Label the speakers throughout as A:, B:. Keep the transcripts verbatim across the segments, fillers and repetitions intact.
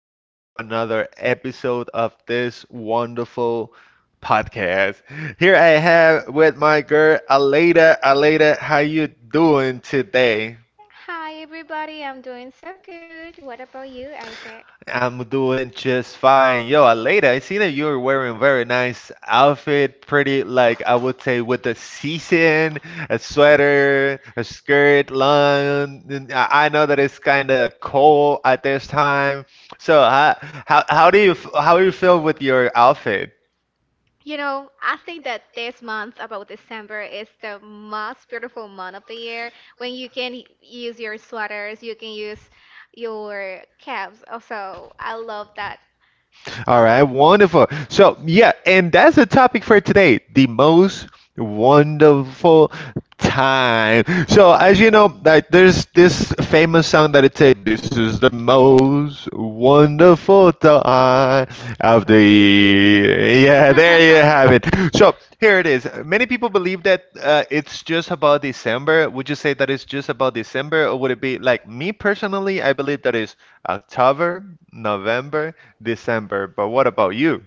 A: back to another episode of this wonderful podcast. Here I have with my girl Aleda. Aleda, how you doing today?
B: Hi everybody, I'm doing so good. What about you, Isaac?
A: I'm doing just fine. Yo, Aleda, I seen that you were wearing very nice outfit, pretty like I would say with the season, a sweater, a skirt, long. And I I know that it's kind of cold at this time. So, how, how how do you f- how do you feel with your outfit?
B: You know, I think that this month, about December, is the most beautiful month of the year when you can y- use your sweaters, you can use your caps. Also, I love that
A: All right, wonderful. So, yeah, and that's the topic for today, the most wonderful time. So, as you know, like there's this famous song that it said, "This is the most wonderful time of the
B: of the year.
A: year." Yeah, there you have it. So, here it is. Many people believe that uh, it's just about December. Would you say that it's just about December, or would it be like me personally? I believe that it's October, November, December, but what about you?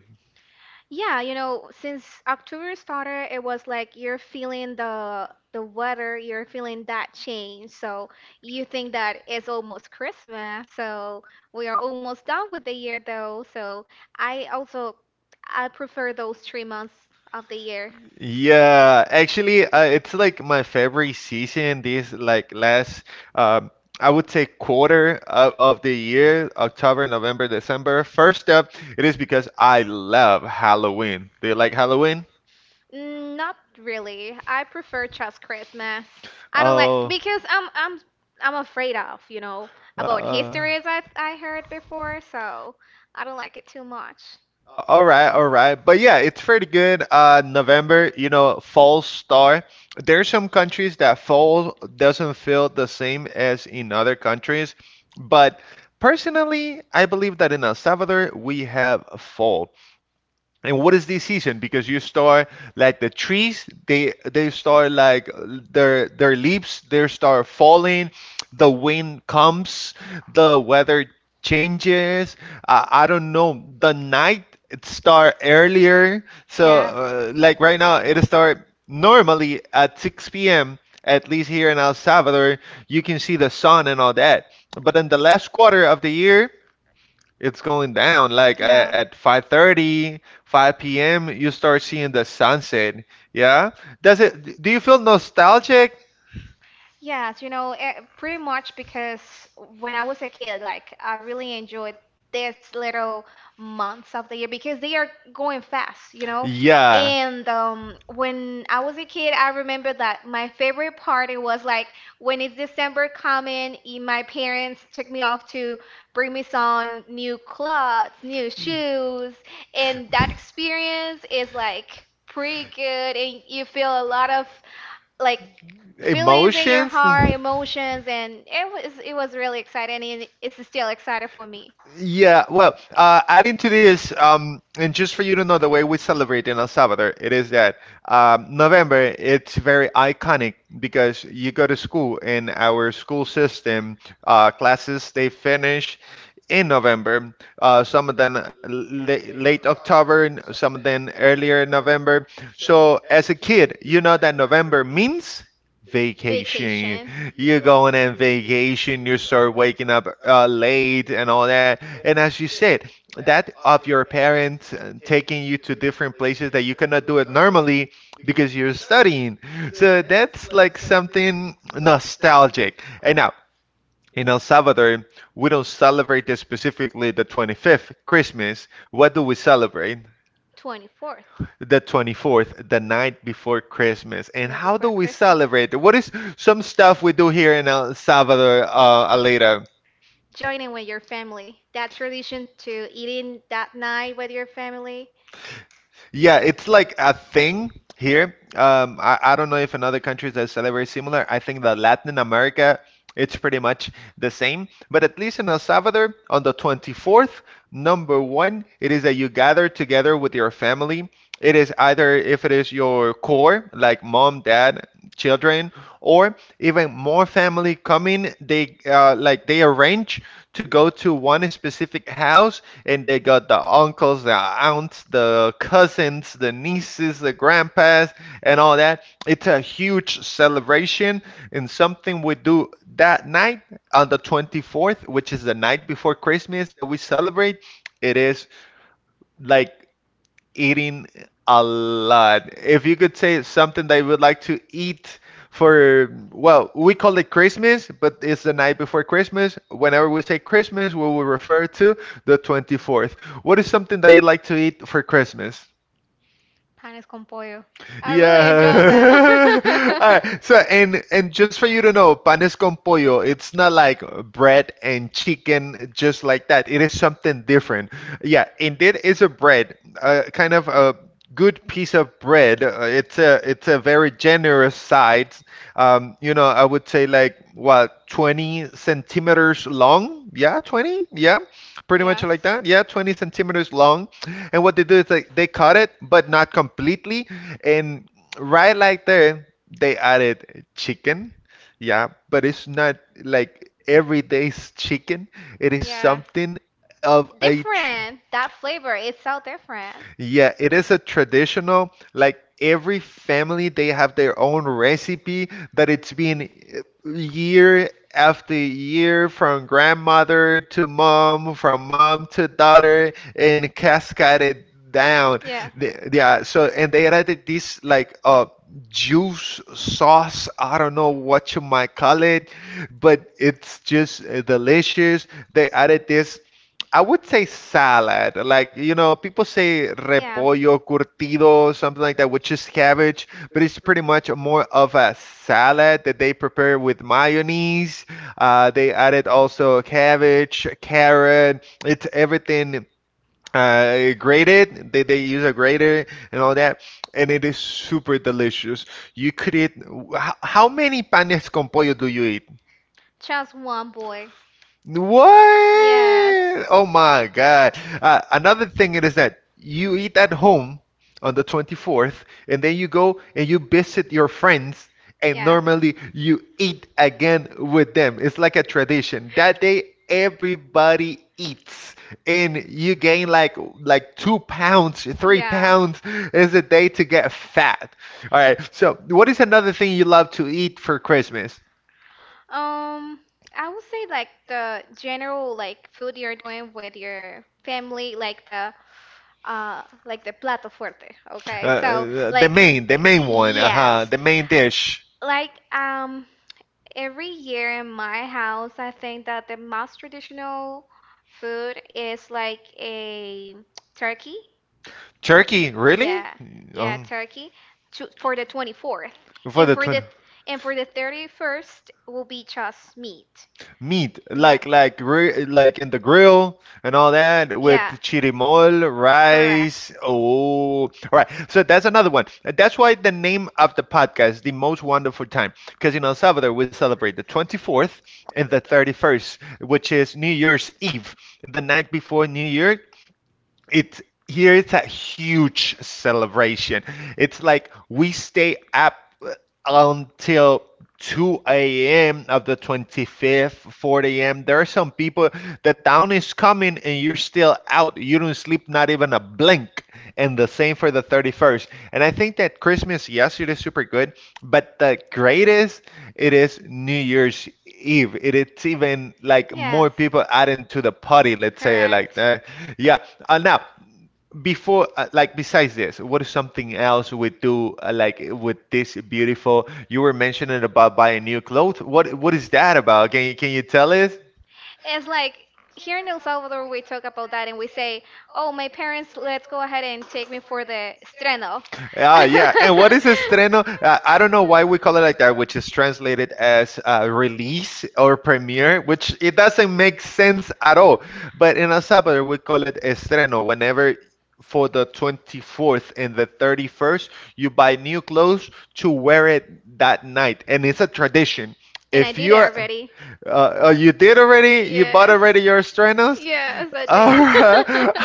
B: Yeah, you know, since October started, it was like you're feeling the the weather, you're feeling that change. So you think that it's almost Christmas. So we are almost done with the year though. So I also I prefer those three months of the year.
A: Yeah, actually, uh, it's like my favorite season. This like last, um, I would say quarter of, of the year, October, November, December. First up, it is because I love Halloween. Do you like Halloween?
B: Mm, not really. I prefer just Christmas. I don't like
A: Oh,
B: because I'm I'm I'm afraid of, you know,
A: uh,
B: about
A: uh.
B: histories I I heard before, so I don't like it too much.
A: All right, all right. But yeah, it's pretty good. Uh, November, you know, fall star. There are some countries that fall doesn't feel the same as in other countries. But personally, I believe that in El Salvador, we have fall. And what is the season? Because you start like the trees, they they start like their their leaves, they start falling. The wind comes, the weather changes. I, I don't know. The night it start earlier. So uh, like right now, it start normally at six p m. At least here in El Salvador, you can see the sun and all that. But in the last quarter of the year, it's going down. Like at, at five thirty, five p m, you start seeing the sunset. Yeah? Does it, do you feel nostalgic?
B: Yes, you know, eh, pretty much because when I was a kid, like I really enjoyed this little months of the year because they are going fast, you know. Yeah.
A: Yeah.
B: And um, when I was a kid, I remember that my favorite party was like when it's December coming, eh, my parents took me off to bring me some new clothes, new shoes, and that experience is like pretty good, and you feel a lot of like feelings in your
A: Emotions?
B: heart, emotions, and it was it was really exciting, and it's still exciting for me.
A: Yeah, well, uh, adding to this, um, and just for you to know, the way we celebrate in El Salvador, it is that um, November, it's very iconic because you go to school in our school system, uh, classes they finish in November. Uh, some of them la late October, and some of them earlier in November. So as a kid, you know that November means vacation.
B: Vacation,
A: You're going on vacation, you start waking up uh, late and all that. And as you said, that of your parents uh, taking you to different places that you cannot do it normally because you're studying. So that's like something nostalgic. And now, in El Salvador, we don't celebrate this specifically the twenty-fifth, Christmas. What do we celebrate?
B: twenty-fourth.
A: The twenty-fourth, the night before Christmas. And
B: Night
A: how do
B: before
A: we
B: Christmas.
A: celebrate it? What is some stuff we do here in El Salvador, uh, Aleda?
B: Joining with your family. That tradition to eating that night with your family.
A: Yeah, it's like a thing here. Um, I, I don't know if in other countries that celebrate similar. I think that Latin America, it's pretty much the same. But at least in El Salvador, on the twenty-fourth, number one, it is that you gather together with your family. It is either if it is your core, like mom, dad, children, or even more family coming, they uh, like they arrange to go to one specific house and they got the uncles, the aunts, the cousins, the nieces, the grandpas, and all that. It's a huge celebration, and something we do that night on the twenty-fourth, which is the night before Christmas that we celebrate. It is like eating a lot. If you could say something that you would like to eat for, well, we call it Christmas, but it's the night before Christmas. Whenever we say Christmas, we will refer to the twenty-fourth. What is something that you like to eat for Christmas?
B: Panes con pollo. I really enjoy them.
A: Yeah. All right. So and and just for you to know, panes con pollo, it's not like bread and chicken just like that. It is something different. Yeah, indeed, it's a bread, uh, kind of a good piece of bread. Uh, it's a it's a very generous size. Um, you know, I would say like what twenty centimeters long. Yeah, twenty. Yeah, pretty much
B: Yes.
A: like that. Yeah, twenty centimeters long. And what they do is like they cut it, but not completely. And right like there, they added chicken. Yeah, but it's not like everyday's chicken. It is
B: Yes.
A: something of a tr-
B: Different. That flavor is so different.
A: yeah, it is a traditional, like every family, they have their own recipe, but it's been year after year from grandmother to mom, from mom to daughter, and cascaded down.
B: Yeah.
A: The- Yeah, so and they added this like uh juice sauce, I don't know what you might call it, but it's just uh, delicious. They added this I would say salad. Like, you know, people say
B: Yeah.
A: repollo curtido, something like that, which is cabbage, but it's pretty much more of a salad that they prepare with mayonnaise. Uh, they added also cabbage, carrot, it's everything uh, grated. They, they use a grater and all that, and it is super delicious. You could eat, how, how many panes con pollo do you eat?
B: Just one boy.
A: What?
B: Yes.
A: Oh my God. Uh, another thing it is that you eat at home on the twenty-fourth, and then you go and you visit your friends, and normally you eat again with them. It's like a tradition. That day, everybody eats, and you gain like like two pounds,
B: Yeah.
A: three
B: Yeah.
A: pounds. It's a day to get fat. All right. So, what is another thing you love to eat for Christmas?
B: Um, I would say like the general like food you're doing with your family, like the uh like the plato fuerte,
A: Uh,
B: okay? So
A: uh, the
B: like
A: main, the main one, uh-huh,
B: yes.
A: the main dish.
B: Like um every year in my house, I think that the most traditional food is like a turkey,
A: Turkey, really?
B: yeah,
A: Um,
B: turkey to, for the twenty-fourth. For
A: for the twin
B: and for the thirty-first will be just meat.
A: meat, like like re like in the grill and all that with chirimol, rice. Oh, all right. So that's another one. That's why the name of the podcast, The Most Wonderful Time, because in El Salvador we celebrate the twenty-fourth and the thirty-first, which is New Year's Eve, the night before New Year. It here it's a huge celebration. It's like we stay up until two a m of the twenty-fifth, four a m. There are some people that down is coming and you're still out. You don't sleep not even a blink. And the same for the thirty-first. And I think that Christmas, yes, it is super good, but the greatest it is New Year's Eve. It is even like more people adding to the party, let's say like that. Yeah. Uh, now before uh, like besides this, what is something else we do uh, like with this beautiful, you were mentioning about buying new clothes, what what is that about, can you can you tell us?
B: It's like here in El Salvador, we talk about that and we say, "Oh, my parents, let's go ahead and take me for the estreno."
A: Ah, yeah. And what is estreno? Uh, I don't know
B: Doesn't it
A: why we call it like that, which
B: which
A: is translated as uh, release or premiere, which it doesn't make sense at all. But in El Salvador, we call it estreno. Whenever for the twenty-fourth and the thirty-first, you buy new clothes to wear it that night. And it's a tradition. If you're
B: already.
A: uh, oh, you did already? You bought already your Stranos?
B: Yes, I
A: All right, all right,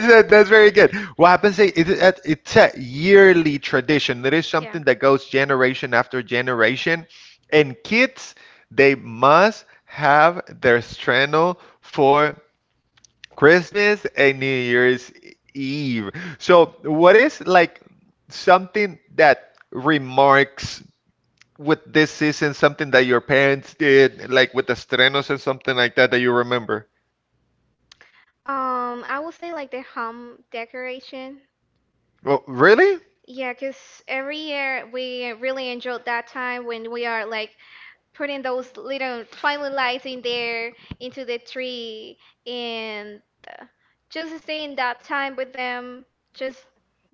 A: that, that's very good. What happens is it, it, it's a yearly tradition. It is something that goes generation after generation, and kids they must have their Strano for Christmas and New Year's Eve. So, what is like something that remarks with this season, something that your parents did, like with the estrenos or something like that that you remember?
B: Um, I would say like the home decoration.
A: Well, really?
B: Yeah, 'cause every year we really enjoyed that time when we are like putting those little twilight lights in there into the tree and uh, just staying that time with them just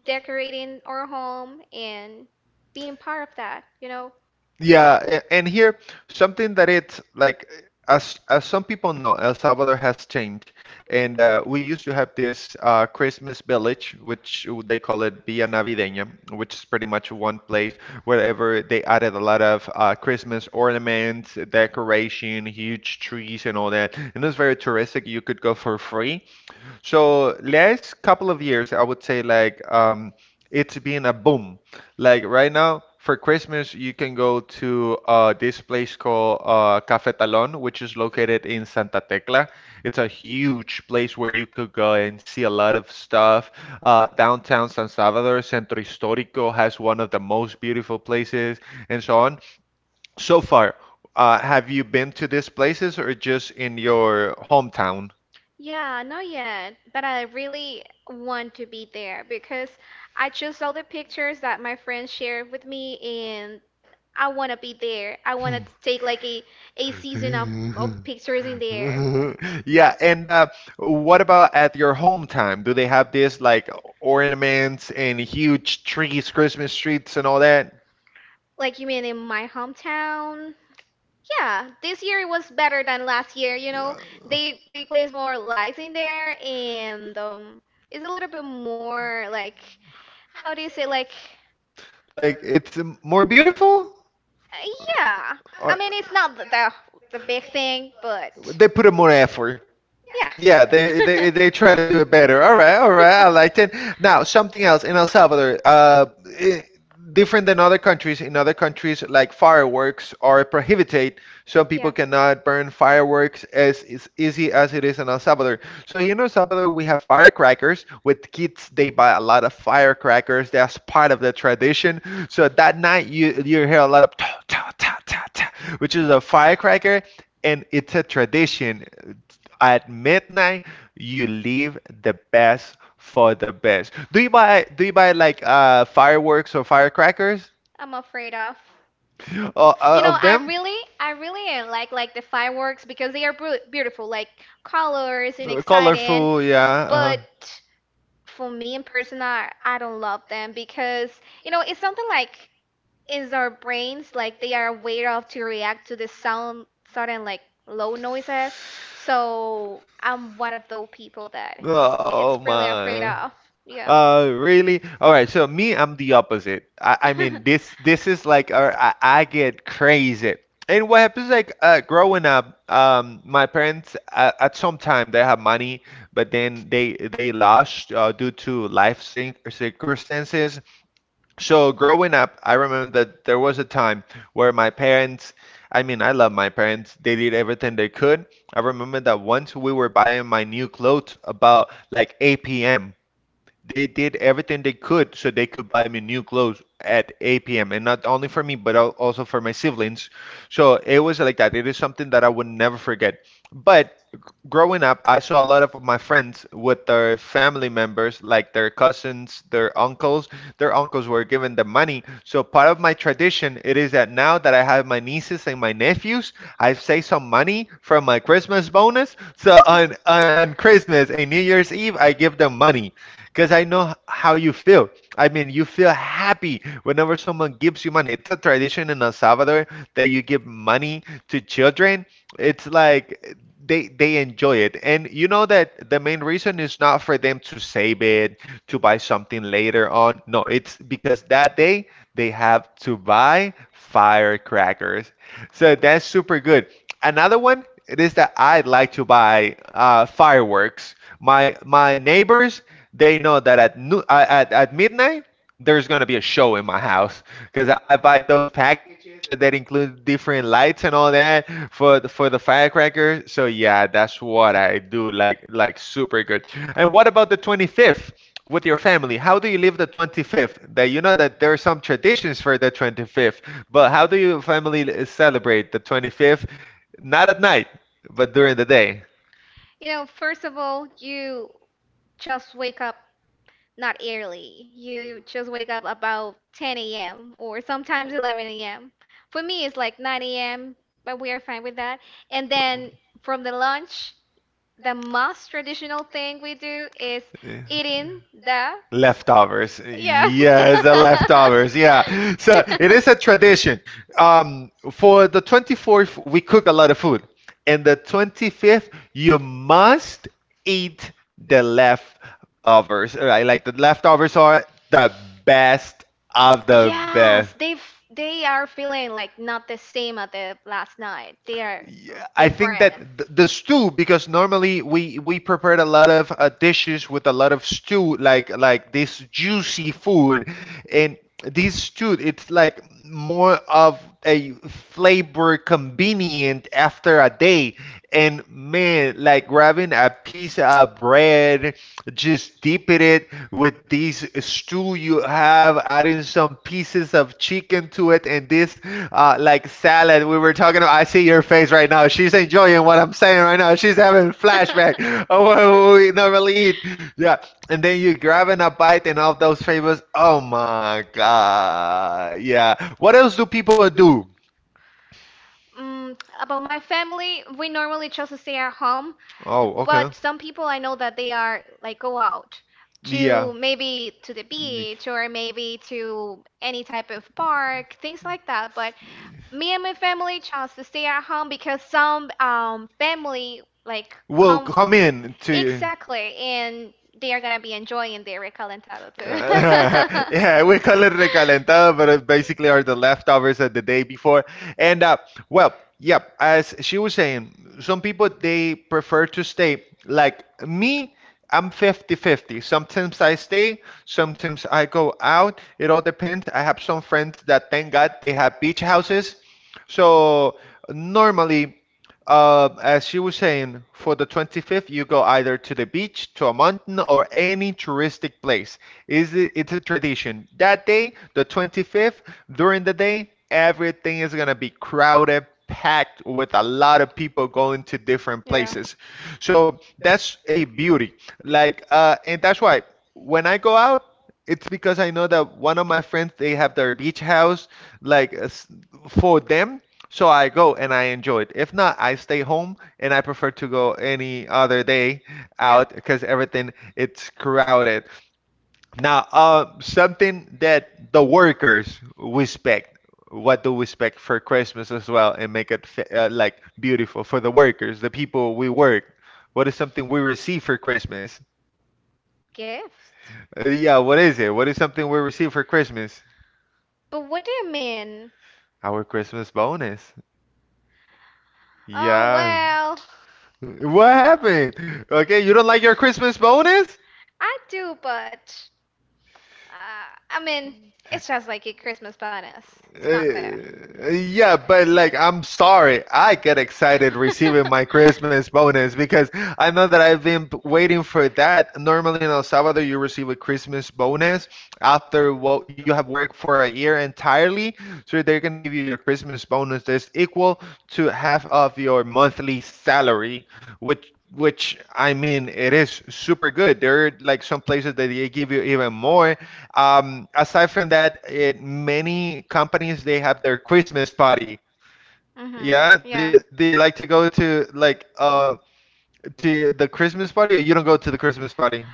B: decorating our home and being part of that, you know.
A: Yeah, a- and here something that it's like as as some people know, El Salvador has changed, and uh, we used to have this uh, Christmas village, which they call it Villa Navideña, which is pretty much one place wherever they added a lot of uh, Christmas ornaments, decoration, huge trees, and all that. And it's very touristic. You could go for free. So last couple of years, I would say like um, it's been a boom. Like right now for Christmas, you can go to uh, this place called uh, Café Talón, which is located in Santa Tecla. It's a huge place where you could go and see a lot of stuff. Uh, downtown San Salvador, Centro Histórico has one of the most beautiful places, and so on. So far, uh, have you been to these places or just in your hometown?
B: Yeah, not yet, but I really want to be there because I just saw the pictures that my friends shared with me and I want to be there. I want to
A: Hmm.
B: take like a, a season of, of pictures in there.
A: Yeah, and uh, what about at your home time? Do they have this like ornaments and huge trees, Christmas trees, and all that?
B: Like you mean in my hometown. Yeah, this year it was better than last year. You know,
A: Yeah,
B: they they place more lights in there, and um, it's a little bit more like, how do you say like
A: like it's um, more beautiful?
B: uh, yeah. I
A: Or—
B: mean, it's not the the, the big thing, but
A: they put in more effort.
B: yes.
A: Yeah,
B: Yeah. they, they,
A: they,
B: they
A: they
B: try
A: they try to
B: to
A: do
B: do
A: it
B: it
A: better.
B: better.
A: All
B: All
A: right,
B: right,
A: all
B: all right,
A: right, I
B: I like
A: liked it.
B: it.
A: Now, something else in El Salvador, uh, I- different than other countries. In other countries, like fireworks are prohibited.
B: So
A: Some
B: yeah.
A: people
B: People cannot
A: cannot
B: burn
A: burn fireworks
B: fireworks as
A: as, as easy
B: easy
A: as
B: as
A: it
B: it
A: is
B: is
A: in
B: in
A: El
B: El
A: Salvador.
B: Salvador.
A: So here in El Salvador, we have firecrackers. With kids, they buy a lot of firecrackers. That's part of the tradition. So that night, you you hear a lot of ta ta ta ta, which is a firecracker, and it's a tradition. At midnight, you leave the best for the best. Do you buy do you buy like uh fireworks or firecrackers
B: I'm afraid of.
A: uh, uh,
B: You know,
A: of
B: I
A: them?
B: really, I really uh, like like the fireworks because they are bru- beautiful, like colors and
A: Uh,
B: exciting.
A: Colorful, yeah. Uh-huh.
B: But for me in person, I, I don't love them because you know it's something like is our brains like they are aware of to react to the sound sudden like low noises. So I'm one of those people that
A: Oh
B: it's really afraid
A: my.
B: of. Yeah.
A: Uh, really? All right. So me, I'm the opposite. I, I mean, this this is like, uh, I, I get crazy. And what happens like uh, growing up, um, my parents uh, at some time they have money, but then they they lost uh, due to life cir- circumstances. So growing up, I remember that there was a time where my parents, I mean, I love my parents. They did everything they could. I remember that once we were buying my new clothes about like eight p.m, they did everything they could so they could buy me new clothes at eight p m and not only for me but al- also for my siblings. So it was like that. It is something that I would never forget. But g- growing up, I saw a lot of my friends with their family members, like their cousins, their uncles. Their uncles were given the money. So part of my tradition it is that now that I have my nieces and my nephews, I save some money from my Christmas bonus. So on on, on Christmas and New Year's Eve, I give them money because I know h- how you feel. I mean, you feel happy whenever someone gives you money. It's a tradition in El Salvador that you give money to children. It's like they they enjoy it. And you know that the main reason is not for them to save it, to buy something later on. No, it's because that day they have to buy firecrackers. So that's super good. Another one, it is that I like to buy uh, fireworks. My my neighbors, they know that at no- uh, at at midnight there's gonna be a show in my house because I buy those packages that, that include different lights and all that for the, for the firecracker. So yeah, that's what I do. Like like super good. And what about the twenty-fifth? With your family, how do you live the twenty-fifth? That you know that there are some traditions for the twenty-fifth, but how do your family uh, celebrate the twenty-fifth? Not at night, but during the day.
B: You know, first of all, you just wake up not early. You just wake up about ten a m or sometimes eleven a m. For me, it's like nine a m, but we are fine with that. And then from the lunch, the most traditional thing we do is
A: Eh,
B: eating the
A: leftovers.
B: yes.
A: Yes, the leftovers. Leftovers. Yeah. So it is a tradition. Um, for the twenty-fourth, we cook a lot of food. And the twenty-fifth, you must eat the leftovers. Right? Like the leftovers are the best, are the best.
B: Yes, they f- they are feeling like not the same as the last night. They are
A: Yeah,
B: l-
A: I think that
B: different.
A: th- the stew, because normally we we prepared a lot of uh, dishes with a lot of stew, like like this juicy food, and this two, it's like more of a flavor convenient after a day. And man, like grabbing a piece of bread, just dipping it with this stew you have, adding some pieces of chicken to it, and this uh, like salad we were talking about. I see your face right now. She's enjoying what I'm saying right now. She's having flashback of what we normally eat. Yeah, and then you're grabbing a bite and all those flavors. Oh my god. Yeah. What else do people do?
B: Mm, about my family, we normally just stay at home,
A: Oh, okay.
B: but some people I know that they are like go out
A: Yeah.
B: to maybe to the beach or maybe to any type of park, things like that. But
A: N-
B: me and my family chose to stay at home because some um family like will
A: Well,
B: come,
A: come
B: come in.
A: in to.
B: Exactly, and they are gonna be enjoying their recalentado too.
A: Uh,
B: Yeah.
A: yeah, we
B: We're
A: call
B: gonna
A: it recalentado, but it basically are the leftovers of the day before. And uh, well, yeah, as she was saying, some people they prefer to stay. Like me, I'm fifty-fifty. Sometimes I stay, sometimes I go out. It all depends. I have some friends that thank God they have beach houses. So normally uh, as she was saying, for the twenty-fifth, you go either to the beach, to a mountain, or any touristic place. Is it, it's a tradition. That day, the twenty-fifth, during the day, everything is gonna be crowded, packed
B: with
A: with a
B: a
A: lot
B: lot
A: of
B: of
A: people
B: people going
A: going to
B: to different
A: different
B: yeah
A: places.
B: places,
A: So that's a beauty. Like, uh, and that's why when I go out. It's because I know that one of my friends they have their beach house like uh, s- for them, so I go and I enjoy it. If not, I stay home and I prefer to go any other day
B: yeah. uh,
A: out because
B: because everything
A: everything
B: is
A: it's
B: crowded.
A: crowded. Now, uh, something that the workers respect. What do we expect for Christmas as well and make it fa- uh, like beautiful for the workers, the people we work? What is something we receive for Christmas?
B: Gift.
A: Uh, yeah, what is it? What is something we receive for Christmas?
B: But what do you mean?
A: Our Christmas bonus.
B: Oh yeah,
A: Yeah.
B: well.
A: What happened? Okay,
B: Okay, you
A: you don't
B: don't
A: like
B: like
A: your
B: your
A: Christmas
B: Christmas?
A: bonus?
B: I do, but Uh, I mean, it's just like a Christmas bonus. It's
A: Uh,
B: not there.
A: uh, yeah, but like, I'm sorry. I get excited receiving my Christmas bonus because I know that I've been p- waiting for that. Normally in El Salvador, you receive a Christmas bonus after what you have worked for a year entirely. So they're gonna give you your Christmas bonus that's equal to half of your monthly salary, which which I mean, it is super good. There are like some places that they give you even more. Um, aside from that, it, many companies they have their Christmas party.
B: Mhm.
A: Yeah,
B: Yeah.
A: they
B: I really
A: they like
B: like to
A: to go to like um to the Christmas party, or you don't go to the Christmas party.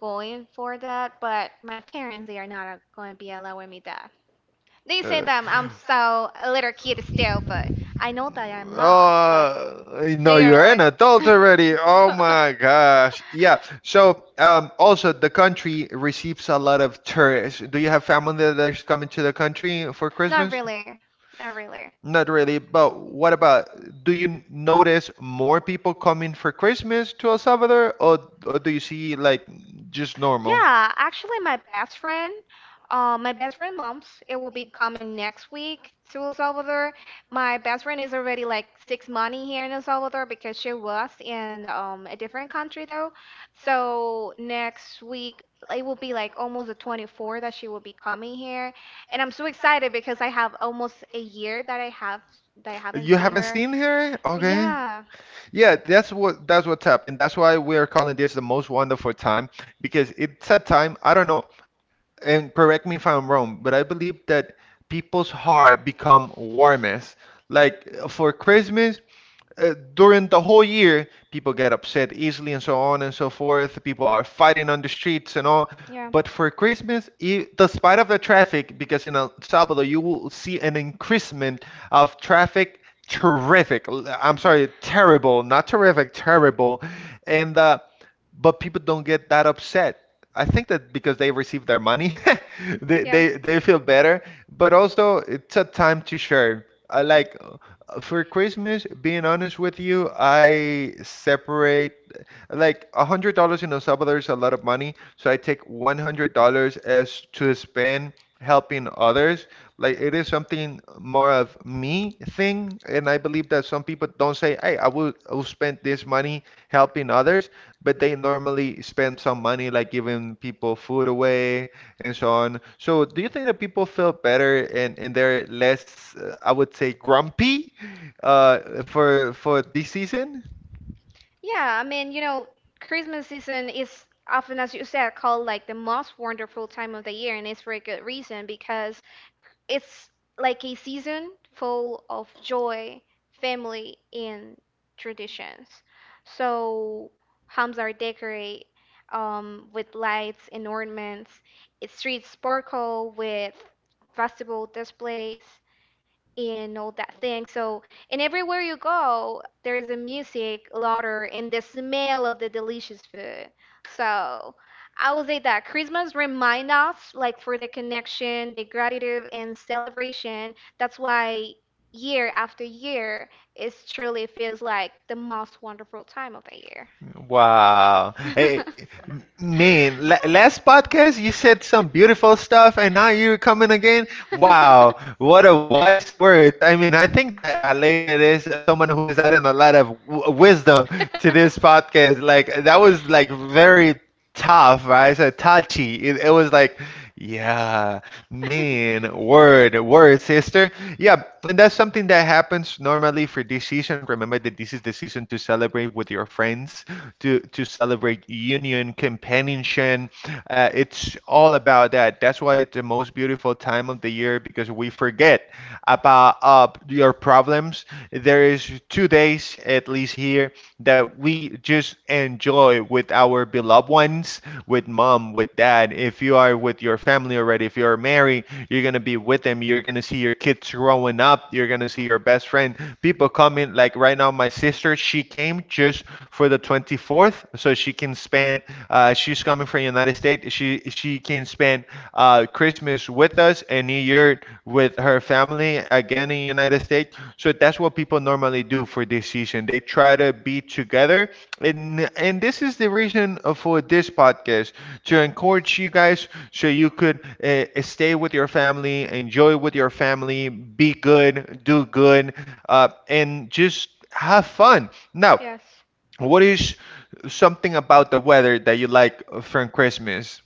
B: go in for that, but my parents they are not going to be allowing me that. They say
A: Uh,
B: that I'm so a little kid still, but I know that I'm not. But
A: Oh, no,
B: they are
A: you're an
B: like.
A: adult already. Oh my gosh. Yeah. So, um, also the country receives a lot of tourists. Do you have family that is coming to the country for
B: Not
A: Christmas?
B: really. Not really.
A: Not really, but what about do you n- notice more people coming for Christmas to El Salvador, or or do you see like just normal?
B: Yeah, actually, my best friend, uh, my best friend mom's, it will be coming next week to El Salvador. My best friend is already like six months here in El Salvador because she was in um, a different country though. So next week, it will be like almost the twenty-four that she will be coming here, and I'm so excited because I have almost a year that I have that I haven't
A: You
B: seen
A: haven't
B: her.
A: seen her? Okay.
B: Yeah,
A: Yeah, that's what that's what's up, and that's why we are calling this the most wonderful time, because it's a time, I don't know, and correct me if I'm wrong, but I believe that people's heart become warmest. Like uh, for Christmas, uh, during the whole year, people get upset easily and so on and so forth. People are fighting on the streets and all.
B: yeah,
A: But for Christmas, e- despite of the traffic, because in El Salvador you will see an increasement of traffic, terrific. l- I'm sorry, terrible, not terrific, terrible. And uh, but people don't get that upset. I think that because they receive their money, they,
B: yeah.
A: they they feel better. But also, it's a time to share. I like for Christmas, being honest with you, I separate like a hundred dollars, in El Salvador is a lot of money, so I take one hundred dollars as to spend helping others. Like it is something more of me thing, and I believe that some people don't say, "Hey, I will I will spend this money helping others," but they normally spend some money like giving people food away and so on. So, do you think that people feel better and and they're less, uh, I would say, grumpy, uh, for for this season?
B: Yeah, I mean, you know, Christmas season is often, as you said, called like the most wonderful time of the year, and it's for a good reason because it's like a season full of joy, family, and traditions. So homes are decorated um, with lights and ornaments. It streets sparkle with festival displays and all that thing. So, and everywhere you go, there is a music louder and the smell of the delicious food. So, I would say that Christmas remind us like for the connection, the gratitude and celebration. That's why year after year it truly feels like the most wonderful time of the year.
A: Wow. Hey, man, la last podcast you said some beautiful stuff and now you're coming again? Wow, what a wise words. I mean, I think that Aleida is someone who is adding a lot of w wisdom to this podcast. Like that was like very tough, right? So touchy. It, it was like, yeah, man, word, word, sister. Yeah, and that's something that happens normally for this season. Remember that this is the season to celebrate with your friends, to to celebrate union, companionship. Uh, it's all about that. That's why it's the most beautiful time of the year, because we forget about uh, your problems. There is two days at least here that we just enjoy with our beloved ones, with mom, with dad. If you are with your family already, if you are married, you're gonna be with them. You're gonna see your kids growing up. You're gonna see your best friend. People coming like right now. My sister, she came just for the twenty-fourth. So she can spend. Uh, she's coming from the United States. She she can spend uh, Christmas with us and New Year with her family again in the United States. So that's what people normally do for this season. They try to be together, and and this is the reason for this podcast to encourage you guys so you could uh, stay with your family, enjoy with your family, be good, do good, uh, and just have fun. Now,
B: Yes.
A: what is something about the weather that you like uh, from Christmas?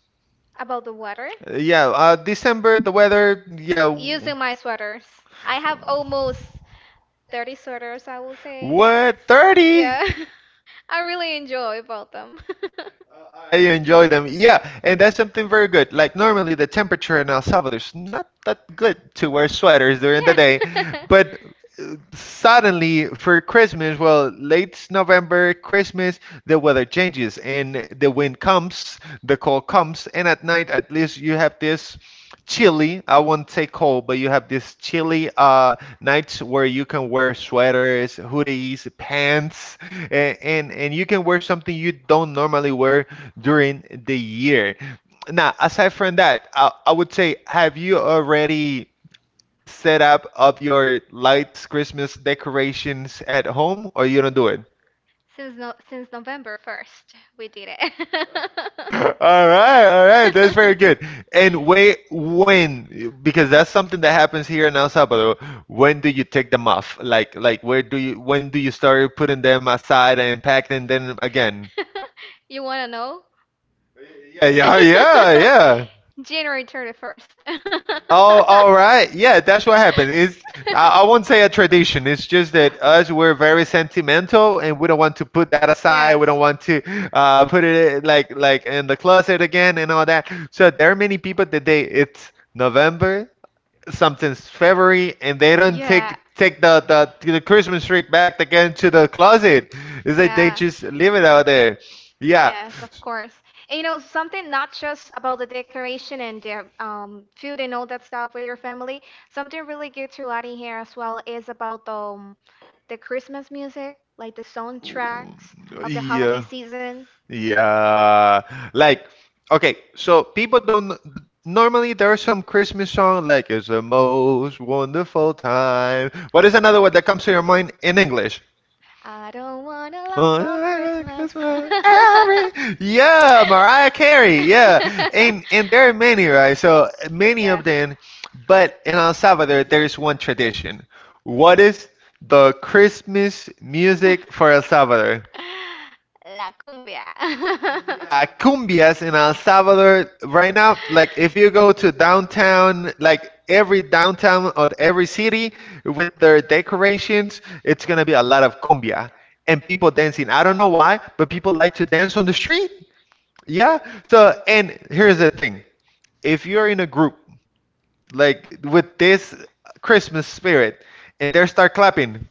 B: About the water?
A: Uh, Yeah, uh, December, the weather, yeah. w-
B: Using my sweaters. I have almost thirty sweaters, I will say.
A: What? thirty?
B: Yeah, I really enjoy about them.
A: Uh, I enjoy them. Yeah, and that's something very good. Like normally the temperature in El Salvador is not that good to wear sweaters during the day,
B: Yeah.
A: but uh, suddenly for Christmas, well, late November, Christmas, the weather changes and the wind comes, the cold comes, and at night at least you have this chilly, I won't say cold, but you have this chilly uh nights where you can wear sweaters, hoodies, pants, and, and and you can wear something you don't normally wear during the year. Now, aside from that, I, I would say, have you already set up of your lights, Christmas decorations at home, or you don't do it?
B: Since no since November first, we did it.
A: All right, all right, that's very good. And wait, when? Because that's something that happens here in El Salvador. When do you take them off? Like, like where do you? When do you start putting them aside and packing them again?
B: You want to know?
A: Yeah, yeah, yeah, yeah.
B: January thirty-first.
A: Oh, all right. Yeah, that's what happened. It's I, I won't say a tradition. It's just that us we're very sentimental, and we don't want to put that aside.
B: Yes.
A: We don't want to uh, put it like like in the closet again and all that. So there are many people that they it's November, something's February, and they don't take take the the, the Christmas tree back
B: Yeah.
A: again to the closet. It's like they
B: Yeah.
A: just leave it out there. Yeah.
B: Yes, of course. And you know, something not just about the decoration and the um, food and all that stuff with your family. Something really good to add in here as well is about the um, the Christmas music, like the soundtracks of the holiday
A: Yeah.
B: season.
A: Yeah. Like, okay, so people don't. Normally, there are some Christmas song like "It's the most wonderful time." What is another one that comes to your mind in English?
B: I don't want to love for
A: Oh,
B: Christmas.
A: Christmas every- Yeah, Mariah Carey. Yeah, and and there are many, right? So many
B: Yes.
A: of them, but in El Salvador, there is one tradition. What is the Christmas music for El Salvador?
B: La cumbia.
A: Yeah, cumbias in El Salvador right now, like if you go to downtown, like every downtown or every city with their decorations, it's gonna be a lot of cumbia and people dancing. I don't know why, but people like to dance on the street. Yeah. So, and here's the thing. If you're in a group like with this Christmas spirit and they start clapping,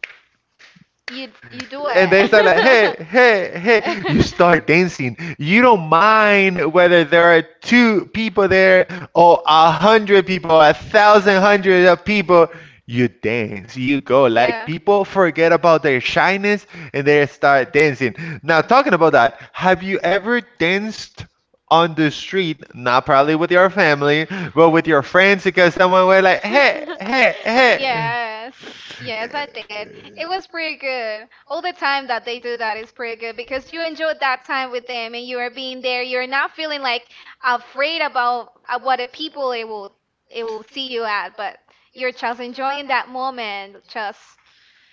B: You you do.
A: and they start like, hey, hey, hey. You start dancing. You don't mind whether there are two people there or a hundred people, or a thousand hundred of people. You dance, you go like people forget about their shyness and they start dancing. Now, talking about that, have you ever danced on the street, not probably with your family, but with your friends because someone was like, hey, hey,
B: Yes, yes, I did.
A: hey.
B: It was pretty good. All the time that they do that is pretty good because you enjoyed that time with them and you are being there. You're not feeling like afraid about uh, what the people it will it will see you at, but you're just enjoying that moment, just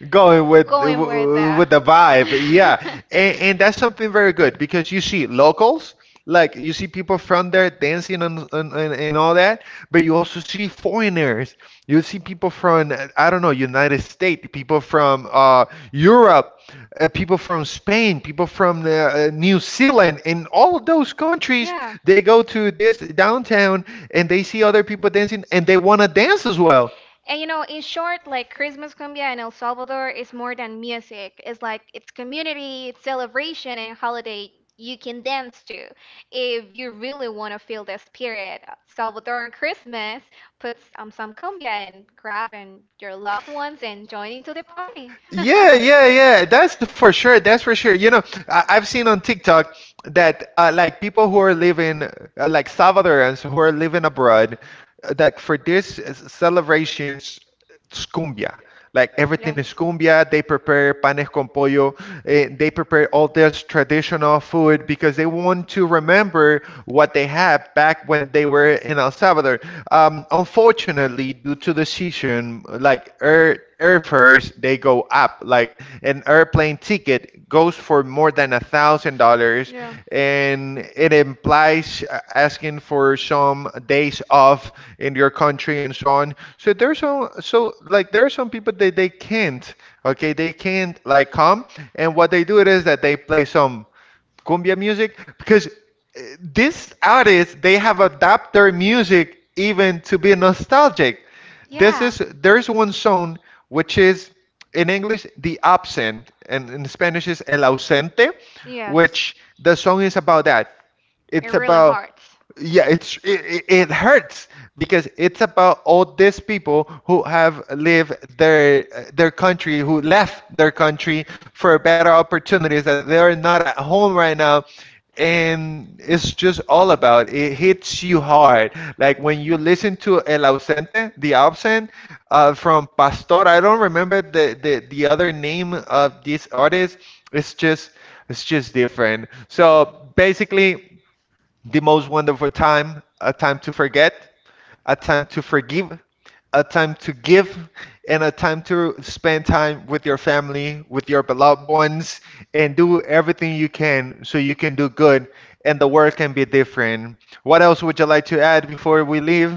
A: Going with
B: going with
A: w-
B: that.
A: with the vibe, yeah, and, and that's something very good because you see locals, like you see people from there dancing and, and and and all that, but you also see foreigners. You see people from uh, I don't know United States, people from uh Europe, uh, people from Spain, people from the, uh, New Zealand, and all of those countries. They go to this downtown and they see other people dancing and they want to dance as well.
B: And you know, in short, like Christmas cumbia in El Salvador is more than music. It's like it's community, it's celebration and holiday you can dance to. If you really want to feel the spirit, Salvadoran Christmas, puts um, some cumbia and grab and your loved ones and join into the party. Yeah.
A: Yeah, yeah, yeah. That's for sure. That's for sure. You know, I I've seen on TikTok that uh, like people who are living, uh, like Salvadorans who are living abroad, uh, like for this uh, celebrations, it's cumbia. Like
B: Yes.
A: everything is
B: Yes.
A: cumbia. They prepare panes con pollo. Eh, they prepare all this traditional food because they want to remember what they had back when they were in El Salvador. Um, unfortunately, due to the season, like air air fares, they go up. Like and air airplane ticket goes for more than a thousand dollars,
B: Yeah.
A: and it implies uh, asking for some days off in your country and so on. So there's some, so like there are some people that they can't, okay, they can't like come, and what they do it is that they play some cumbia music because uh, these artists they have adapted their music even to be nostalgic. This
B: Yeah.
A: is there's one song which is in English the absent and in Spanish is el ausente,
B: Yes.
A: which the song is about that.
B: It
A: It's
B: really
A: about
B: hurts.
A: yeah, it's it, it it hurts because it's about all these people who have lived their their country, who left their country for better opportunities that they're not at home right now. And it's just all about it hits you hard. Like when you listen to El Ausente, The Absent, uh, from Pastor. I don't remember the, the the other name of this artist. It's just it's just different. So basically the most wonderful time, a time to forget, a time to forgive, a time to give, and a time to spend time with your family, with your beloved ones, and do everything you can so you can do good and the world can be different. What else would you like to add before we leave?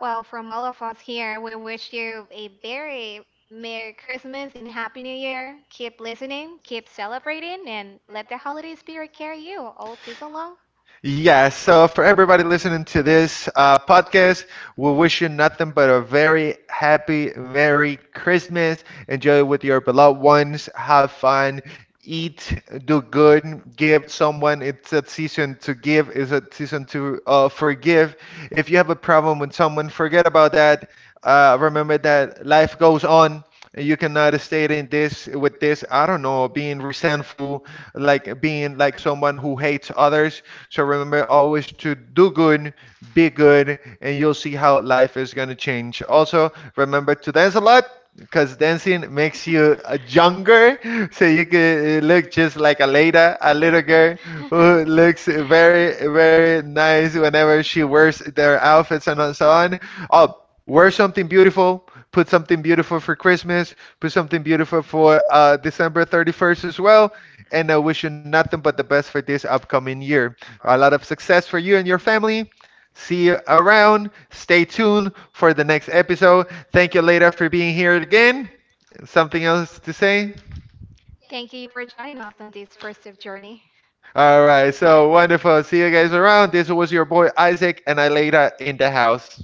B: Well, from all of us here, we wish you a very Merry Christmas and Happy New Year. Keep listening, keep celebrating, and let the holiday spirit carry you all season long.
A: Yeah, so for everybody listening to this uh, podcast, we wish you nothing but a very happy Merry Christmas. Enjoy with your beloved ones. Have fun. Eat, do good, give someone. It's a season to give, it's a season to uh, forgive. If you have a problem with someone, forget about that. Uh, remember that life goes on. You cannot stay in this with this, I don't know, being resentful, like being like someone who hates others so remember always to do good, be good, and you'll see how life is going to change. Also, remember to dance a lot because dancing makes you uh, younger, so you can look just like a lady, a little girl who looks very, very nice whenever she wears their outfits and so on. Oh, wear something beautiful. Put something beautiful for Christmas. Put something beautiful for uh, December thirty-first as well. And I wish you nothing but the best for this upcoming year. A lot of success for you and your family. See you around. Stay tuned for the next episode. Thank you, Leda, for being here again. Something else to say?
B: Thank you for joining us on this festive journey.
A: All right, so wonderful. See you guys around. This was your boy Isaac and I Leda in the house.